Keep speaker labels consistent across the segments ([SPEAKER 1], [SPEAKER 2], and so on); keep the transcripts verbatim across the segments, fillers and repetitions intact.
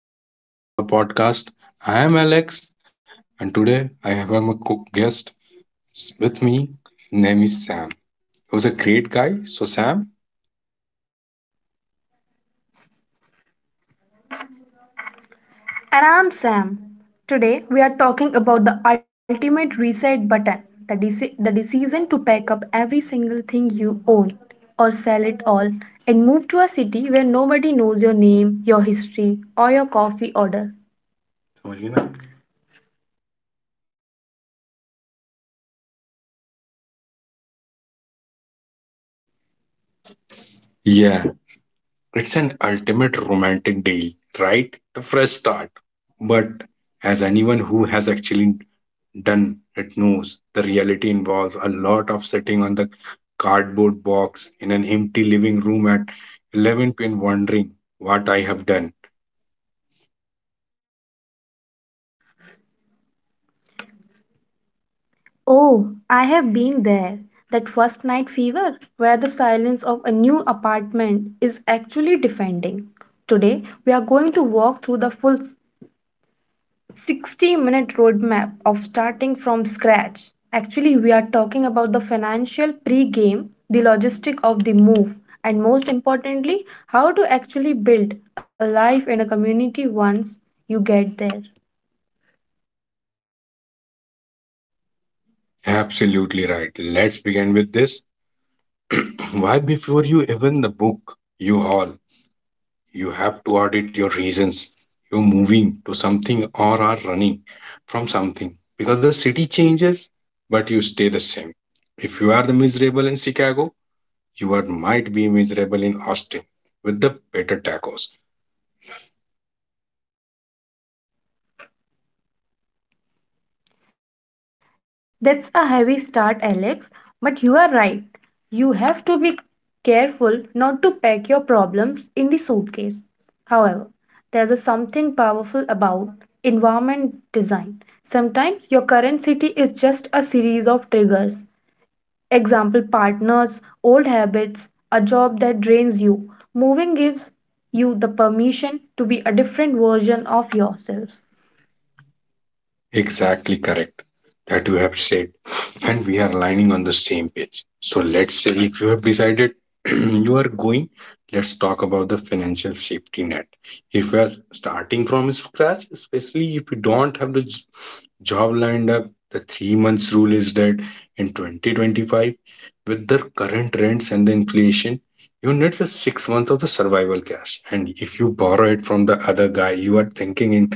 [SPEAKER 1] So, hello guys, welcome to our podcast. I am Alex, and today I have a co- guest with me. Name is Sam. He was a great guy. So, Sam,
[SPEAKER 2] And I'm Sam. Today we are talking about the ultimate reset button, the, deci- the decision to pack up every single thing you own or sell it all and move to a city where nobody knows your name, your history, or your coffee order.
[SPEAKER 1] yeah, it's an ultimate romantic deal, right? The fresh start. But as anyone who has actually done it knows, the reality involves a lot of sitting on the cardboard box in an empty living room at eleven p m wondering what I have done.
[SPEAKER 2] Oh, I have been there. That first night fever, where the silence of a new apartment is actually defending. Today, we are going to walk through the full sixty minute roadmap of starting from scratch. Actually, we are talking about the financial pre game, the logistic of the move, and most importantly, how to actually build a life in a community once you get there.
[SPEAKER 1] Absolutely right. Let's begin with this. Why, before you even the book, you all, you have to audit your reasons. You're moving to something or are running from something because the city changes, but you stay the same. If you are the miserable in Chicago, you are might be miserable in Austin with the better tacos.
[SPEAKER 2] That's a heavy start, Alex, but you are right. You have to be careful not to pack your problems in the suitcase. However, there's a something powerful about environment design. Sometimes your current city is just a series of triggers. Example partners, old habits, a job that drains you. Moving gives you the permission to be a different version of yourself.
[SPEAKER 1] Exactly correct that you have said, and we are aligning on the same page. So let's say if you have decided you are going, let's talk about the financial safety net. If you are starting from scratch, especially if you don't have the j- job lined up, the three months rule is that in twenty twenty-five, with the current rents and the inflation, you need the six months of the survival cash. And if you borrow it from the other guy, you are thinking in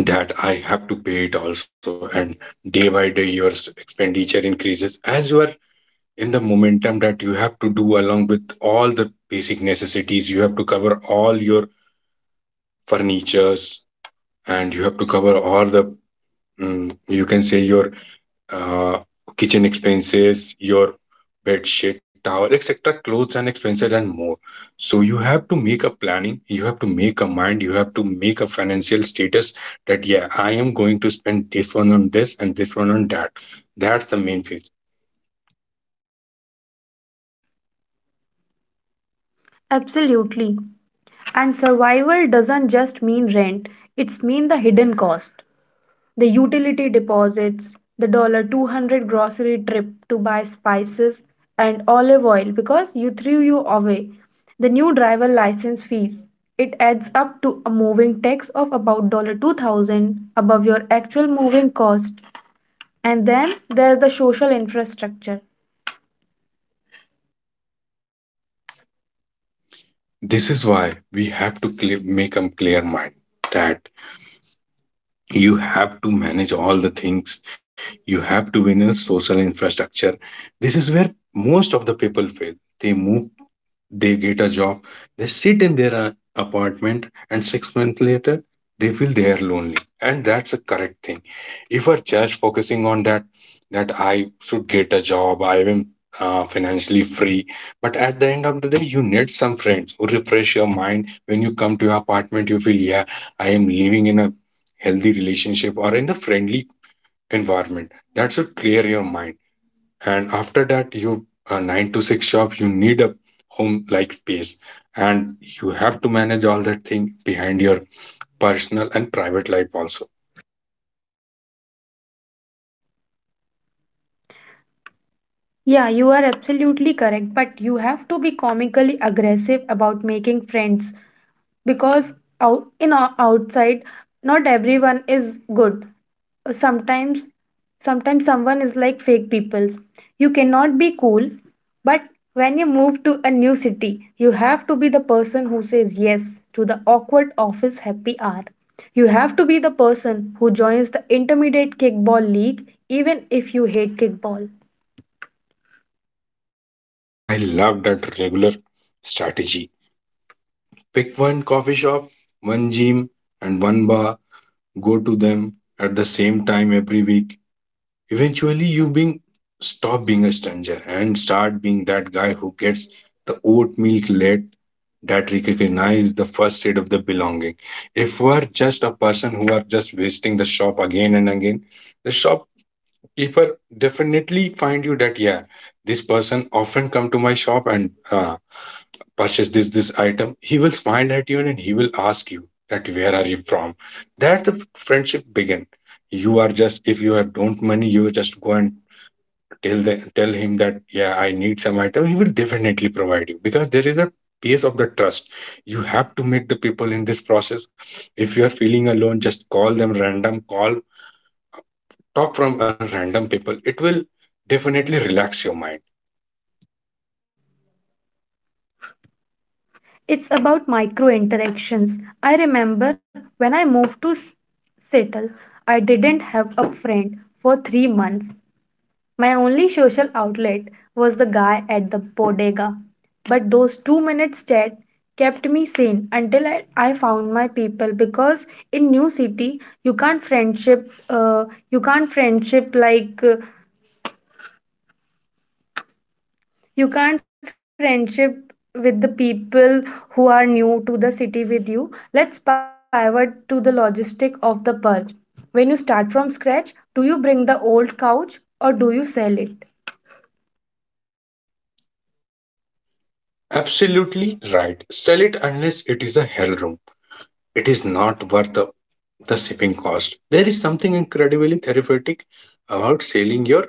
[SPEAKER 1] that I have to pay it also. And day by day, your s- expenditure increases as you are in the momentum that you have to do along with all the basic necessities. You have to cover all your furnitures and you have to cover all the, mm, you can say, your uh, kitchen expenses, your bed sheet, towel, et cetera, clothes and expenses and more. So you have to make a planning, you have to make a mind, you have to make a financial status that yeah, I am going to spend this one on this and this one on that. That's the main phase.
[SPEAKER 2] Absolutely. And survival doesn't just mean rent, it's mean the hidden cost. The utility deposits, the two hundred dollars grocery trip to buy spices and olive oil because you threw you away. The new driver license fees. It adds up to a moving tax of about two thousand dollars above your actual moving cost. And then there's the social infrastructure.
[SPEAKER 1] This is why we have to clear, make a clear mind that you have to manage all the things. You have to be in a social infrastructure. This is where most of the people fail. They move. They get a job, they sit in their uh, apartment, and six months later, they feel they are lonely. And that's a correct thing. If we're just focusing on that, that I should get a job, I am uh, financially free. But at the end of the day, you need some friends who refresh your mind. When you come to your apartment, you feel, yeah, I am living in a healthy relationship or in the friendly environment. That should clear your mind, and after that you a nine to six job you need a home like space, and you have to manage all that thing behind your personal and private life also.
[SPEAKER 2] Yeah, you are absolutely correct, but you have to be comically aggressive about making friends because out in ou- outside not everyone is good. Sometimes sometimes someone is like fake peoples. You cannot be cool. But when you move to a new city, you have to be the person who says yes to the awkward office happy hour. You have to be the person who joins the intermediate kickball league, even if you hate kickball.
[SPEAKER 1] I love that regular strategy. Pick one coffee shop, one gym, and one bar. Go to them at the same time every week. Eventually you being stop being a stranger and start being that guy who gets the oat milk late, that recognize the first shade of the belonging. If we're just a person who are just visiting the shop again and again, the shopkeeper definitely find you that yeah, this person often come to my shop and uh, purchase this this item. He will smile at you and he will ask you that where are you from. That the friendship begin. You are just if you have don't money, you just go and tell the, tell him that yeah, I need some item. He will definitely provide you because there is a piece of the trust you have to make the people in this process. If you are feeling alone, just call them, random call, talk from a random people, it will definitely relax your mind.
[SPEAKER 2] It's about micro interactions. I remember when I moved to S- Seattle. I didn't have a friend for three months. My only social outlet was the guy at the bodega. But those two minutes chat kept me sane until I, I found my people, because in new city you can't friendship uh, you can't friendship like uh, you can't friendship with the people who are new to the city with you. Let's pivot to the logistic of the purge. When you start from scratch, do you bring the old couch or do you sell it?
[SPEAKER 1] Absolutely right, sell it. Unless it is a hell room, it is not worth the, the shipping cost. There is something incredibly therapeutic about selling your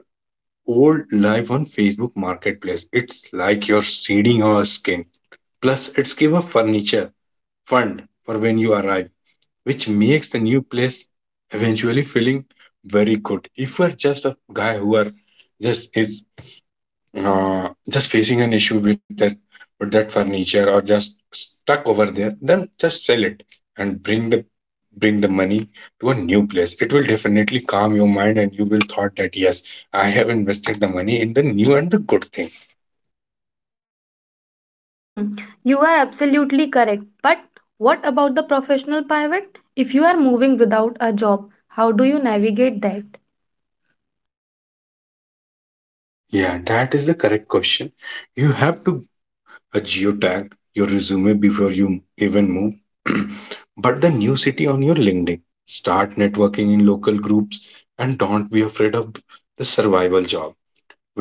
[SPEAKER 1] old life on Facebook Marketplace. It's like you're seeding our skin. Plus, it's give a furniture fund for when you arrive, which makes the new place eventually feeling very good. If you are just a guy who are just is uh, just facing an issue with that with that furniture or just stuck over there, then just sell it and bring the bring the money to a new place. It will definitely calm your mind and you will thought that yes, I have invested the money in the new and the good thing.
[SPEAKER 2] Hmm, you are absolutely correct. But what about the professional pivot? If you are moving without a job, how do you navigate that?
[SPEAKER 1] Yeah, that is the correct question. You have to a geotag, your resume before you even move, but the new city on your LinkedIn. Start networking in local groups and don't be afraid of the survival job.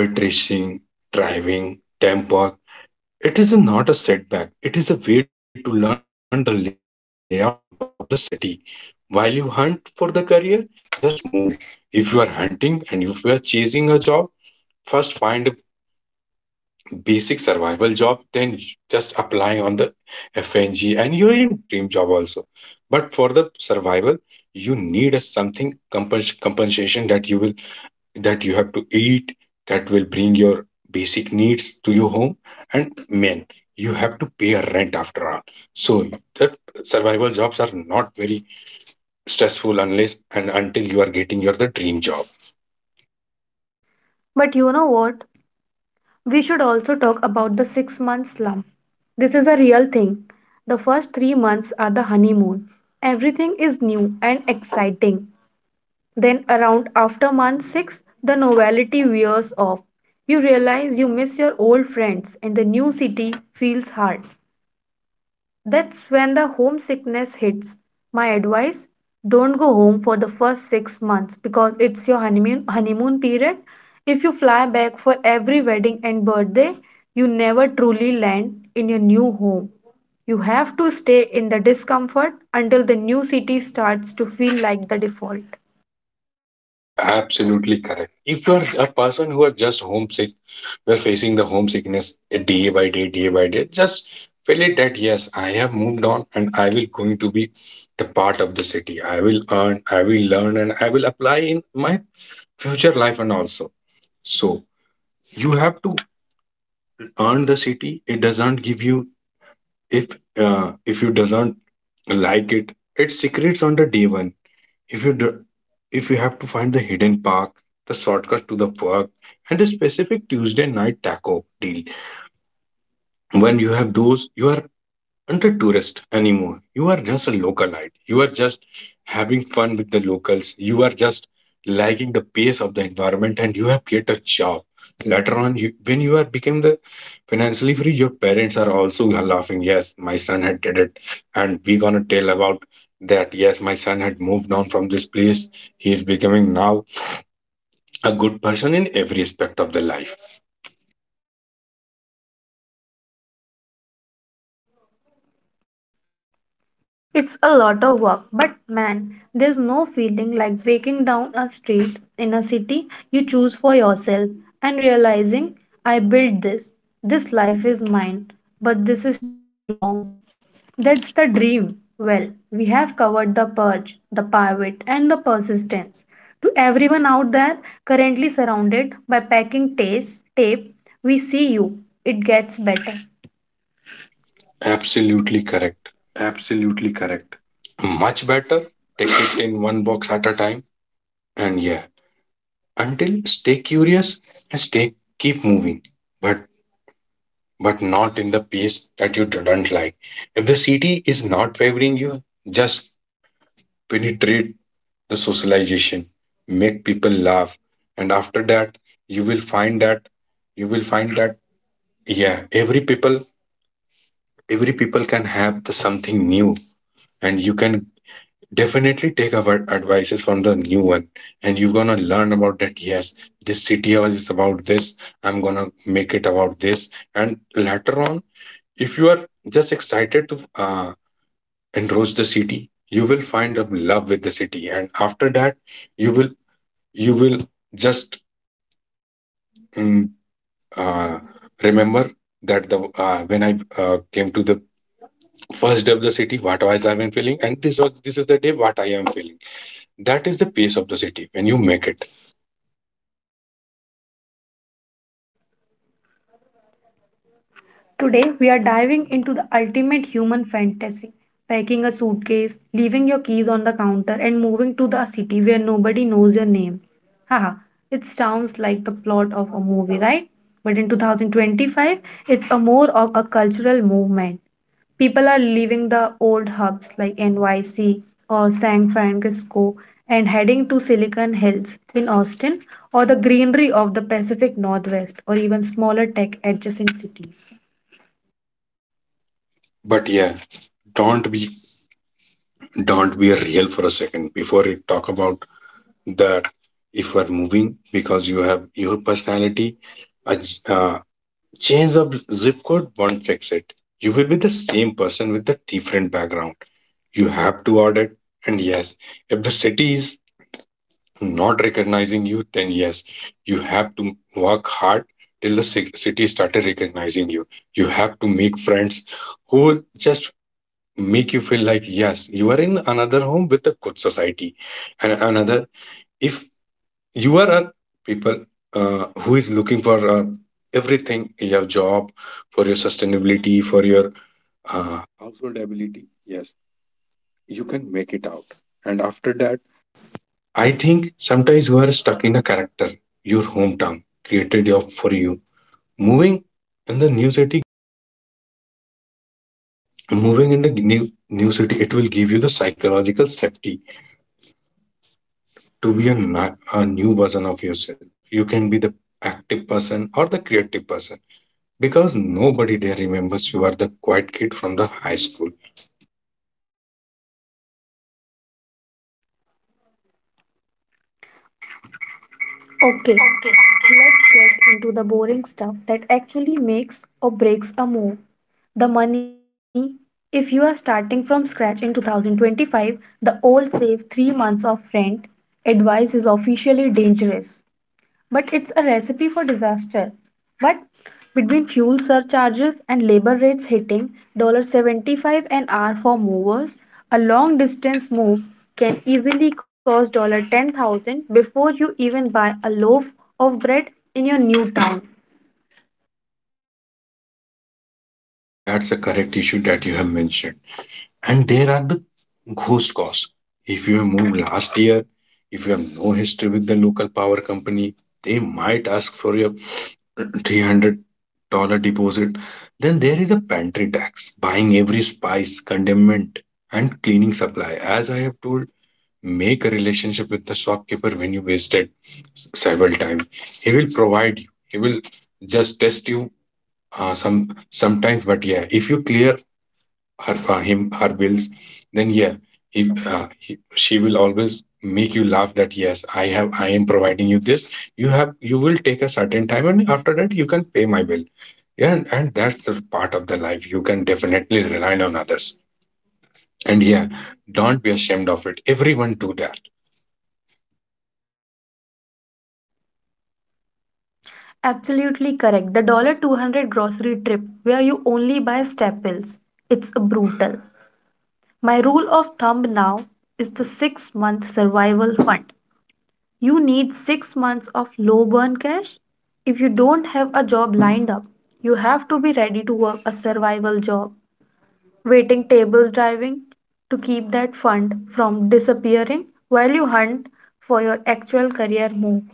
[SPEAKER 1] Waitressing, driving, temp work. It is not a setback. It is a way to learn the layout of the city. While you hunt for the career, just move. If you are hunting and if you are chasing a job, first find basic survival job, then just apply on the F N G and you're in dream job also. But for the survival, you need a something compens- compensation that you will that you have to eat that will bring your basic needs to your home, and men you have to pay a rent after all. So that survival jobs are not very stressful unless and until you are getting your the dream job.
[SPEAKER 2] But you know what? We should also talk about the six month slump. This is a real thing. The first three months are the honeymoon. Everything is new and exciting. Then, around after month six, the novelty wears off. You realize you miss your old friends and the new city feels hard. That's when the homesickness hits. My advice: don't go home for the first six months, because it's your honeymoon, honeymoon period. If you fly back for every wedding and birthday, you never truly land in your new home. You have to stay in the discomfort until the new city starts to feel like the default.
[SPEAKER 1] Absolutely correct. If you are a person who are just homesick, we're facing the homesickness uh, day by day, day by day. Just feel it that yes, I have moved on and I will going to be the part of the city. I will earn, I will learn, and I will apply in my future life and also. So you have to earn the city. It doesn't give you if uh, if you doesn't like it. It secrets on the day one. If you do, if you have to find the hidden park, the shortcut to the park, and the specific Tuesday night taco deal, when you have those you are aren't a tourist anymore. You are just a localite. You are just having fun with the locals. You are just liking the pace of the environment, and you have get a job. Later on, you, when you are became the financially free, your parents are also laughing. Yes, my son had did it, and we gonna tell about that. Yes, my son had moved on from this place. He is becoming now a good person in every aspect of the life.
[SPEAKER 2] It's a lot of work, but man, there's no feeling like waking down a street in a city you choose for yourself and realizing I built this. This life is mine, but this is truly wrong. That's the dream. Well, we have covered the purge, the pivot, and the persistence. To everyone out there currently surrounded by packing taste, tape, we see you. It gets better.
[SPEAKER 1] Absolutely correct. Much better. Take it in one box at a time. And yeah, until stay curious and stay keep moving, but but not in the pace that you don't like. If the city is not favoring you, just penetrate the socialization, make people laugh, and after that you will find that you will find that yeah, every people every people can have the something new, and you can definitely take our advices from the new one, and you're gonna learn about that. Yes, this city hours is about this. I'm gonna make it about this, and later on, if you are just excited to uh, enroach the city, you will find a love with the city, and after that, you will you will just mm, uh, remember that the uh, when I uh, came to the first day of the city, what was I been feeling, and this was this is the day what I am feeling. That is the pace of the city when you make it.
[SPEAKER 2] Today, we are diving into the ultimate human fantasy, packing a suitcase, leaving your keys on the counter, and moving to the city where nobody knows your name. Haha, it sounds like the plot of a movie, right? But in twenty twenty-five, it's a more of a cultural movement. People are leaving the old hubs like N Y C or San Francisco and heading to Silicon Hills in Austin or the greenery of the Pacific Northwest or even smaller tech adjacent cities.
[SPEAKER 1] But yeah, don't be don't be real for a second before you talk about that. If you are moving because you have your personality, a j- uh, change of zip code won't fix it. You will be the same person with a different background. You have to audit. And yes, if the city is not recognizing you, then yes, you have to work hard till the ci- city started recognizing you. You have to make friends who will just make you feel like yes you are in another home with a good society and another if you are a people uh, who is looking for uh, everything, your job for your sustainability for your curiosity, it will give you the psychological safety to be a, na- a new version of yourself. You can be the active person or the creative person because nobody there remembers you are the quiet kid from the high school.
[SPEAKER 2] Okay, let's get into the boring stuff that actually makes or breaks a move. The money. If you are starting from scratch in twenty twenty-five, the old save three months of rent advice is officially dangerous. But it's a recipe for disaster. But between fuel surcharges and labor rates hitting seventy-five an hour for movers, a long distance move can easily cost ten thousand before you even buy a loaf of bread in your new town.
[SPEAKER 1] That's a correct issue that you have mentioned. And there are the ghost costs. If you have moved last year, if you have no history with the local power company, they might ask for your three hundred dollars deposit. Then there is a pantry tax, buying every spice, condiment, and cleaning supply. As I have told, make a relationship with the shopkeeper when you visited s- several times. He will provide you. He will just test you uh, some sometimes. But yeah, if you clear her uh, him her bills, then yeah, he, uh, he, she will always make you laugh that yes, I have I am providing you this. You have you will take a certain time, and after that you can pay my bill, yeah, and, and that's the part of the life you can definitely rely on others. And yeah, don't be ashamed of it. Everyone do that.
[SPEAKER 2] Absolutely correct. The two hundred grocery trip where you only buy staples. It's brutal. My rule of thumb now is the six month survival fund. You need six months of low burn cash. If you don't have a job lined up, you have to be ready to work a survival job, waiting tables, driving, to keep that fund from disappearing while you hunt for your actual career move.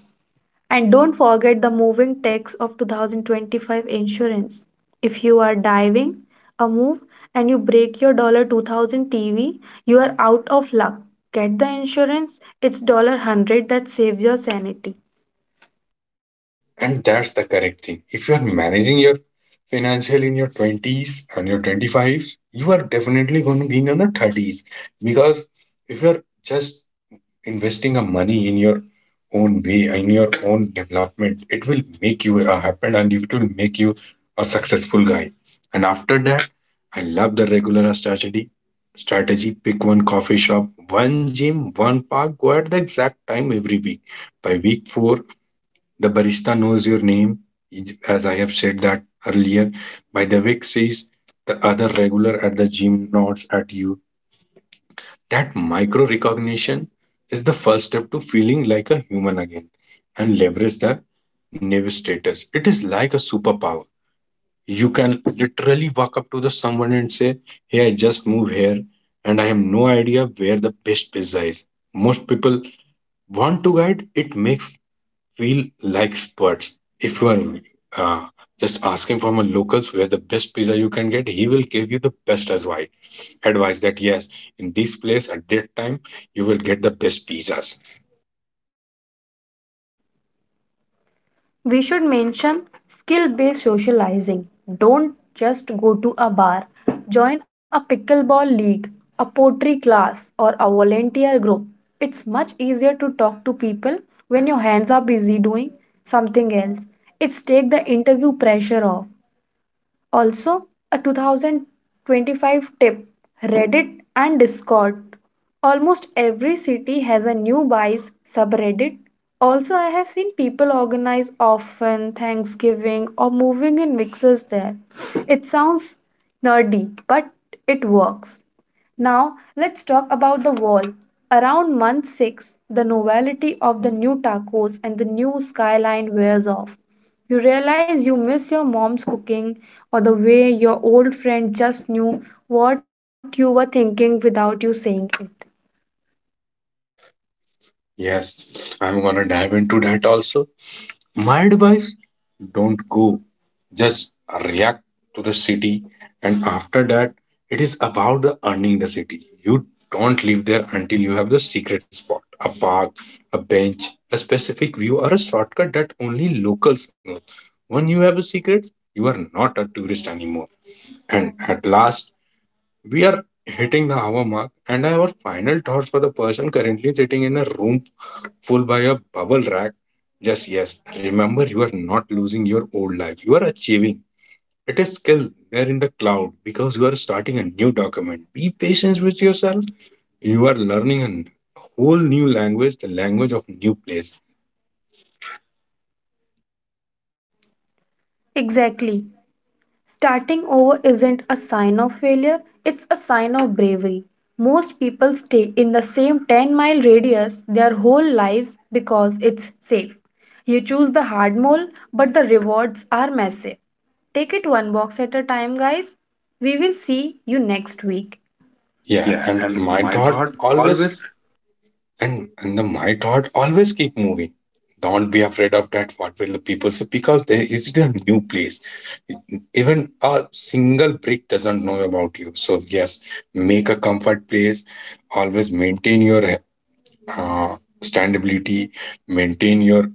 [SPEAKER 2] And don't forget the moving tax of two thousand twenty-five insurance. If you are diving a move and you break your two thousand dollars T V, you are out of luck. Get the insurance, it's one hundred dollars that saves your sanity.
[SPEAKER 1] And that's the correct thing. If you are managing your financial in your twenties and your twenty-fives, you are definitely going to be in your thirties because if you're just investing a money in your own way, in your own development, it will make you a happen and it will make you a successful guy. And after that, I love the regular strategy. Strategy pick one coffee shop, one gym, one park, go at the exact time every week. By week four, the barista knows your name, as I have said that earlier. By the week six, the other regular at the gym nods at you, that micro recognition is the first step to feeling like a human again, and leverage the nav status. It is like a superpower. You can literally walk up to the someone and say, "Hey, I just moved here and I have no idea where the best pizza is." Most people want to guide, it makes feel like experts. If you are uh, just asking from a locals where the best pizza you can get, he will give you the best advice. Advice that yes, in this place at that time you will get the best pizzas.
[SPEAKER 2] We should mention skill based socializing. Don't just go to a bar, join a pickleball league, a pottery class, or a volunteer group. It's much easier to talk to people when your hands are busy doing something else. It's take the interview pressure off. Also, a two thousand twenty-five tip: Reddit and Discord. Almost every city has a new buys subreddit. Also, I have seen people organize often Thanksgiving or moving in mixers there. It sounds nerdy, but it works. Now, let's talk about the wall. Around month six, the novelty of the new tacos and the new skyline wears off. You realize you miss your mom's cooking or the way your old friend just knew what you were thinking without you saying it.
[SPEAKER 1] Yes, I'm gonna dive into that also. My advice, don't go, just react to the city, and after that, it is about the earning the city. You don't live there until you have the secret spot, a park, a bench, a specific view, or a shortcut that only locals know. When you have a secret, you are not a tourist anymore, and at last, we are hitting the hour mark, and our final thoughts for the person currently sitting in a room full by a bubble rack. Just yes, remember you are not losing your old life, you are achieving. It is still there in the cloud because you are starting a new document. Be patient with yourself. You are learning a whole new language, the language of new place.
[SPEAKER 2] Exactly. Starting over isn't a sign of failure, it's a sign of bravery. Most people stay in the same ten mile radius their whole lives because it's safe. You choose the hard mole, but the rewards are massive. Take it one box at a time, guys. We will see you next week.
[SPEAKER 1] Yeah,
[SPEAKER 2] Yeah,
[SPEAKER 1] and
[SPEAKER 2] and
[SPEAKER 1] my
[SPEAKER 2] my
[SPEAKER 1] thought
[SPEAKER 2] thought
[SPEAKER 1] always.
[SPEAKER 2] always
[SPEAKER 1] And and the my thought always keep moving. Don't be afraid of that. What will the people say? Because there is a new place. Even a single brick doesn't know about you. So yes, make a comfort place. Always maintain your uh, standability. Maintain your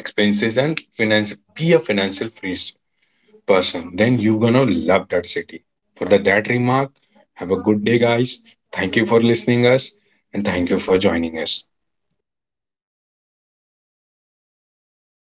[SPEAKER 1] expenses and finance. Be a financial free s- person. Then you gonna love that city. For the that remark, have a good day, guys. Thank you for listening us and thank you for joining us.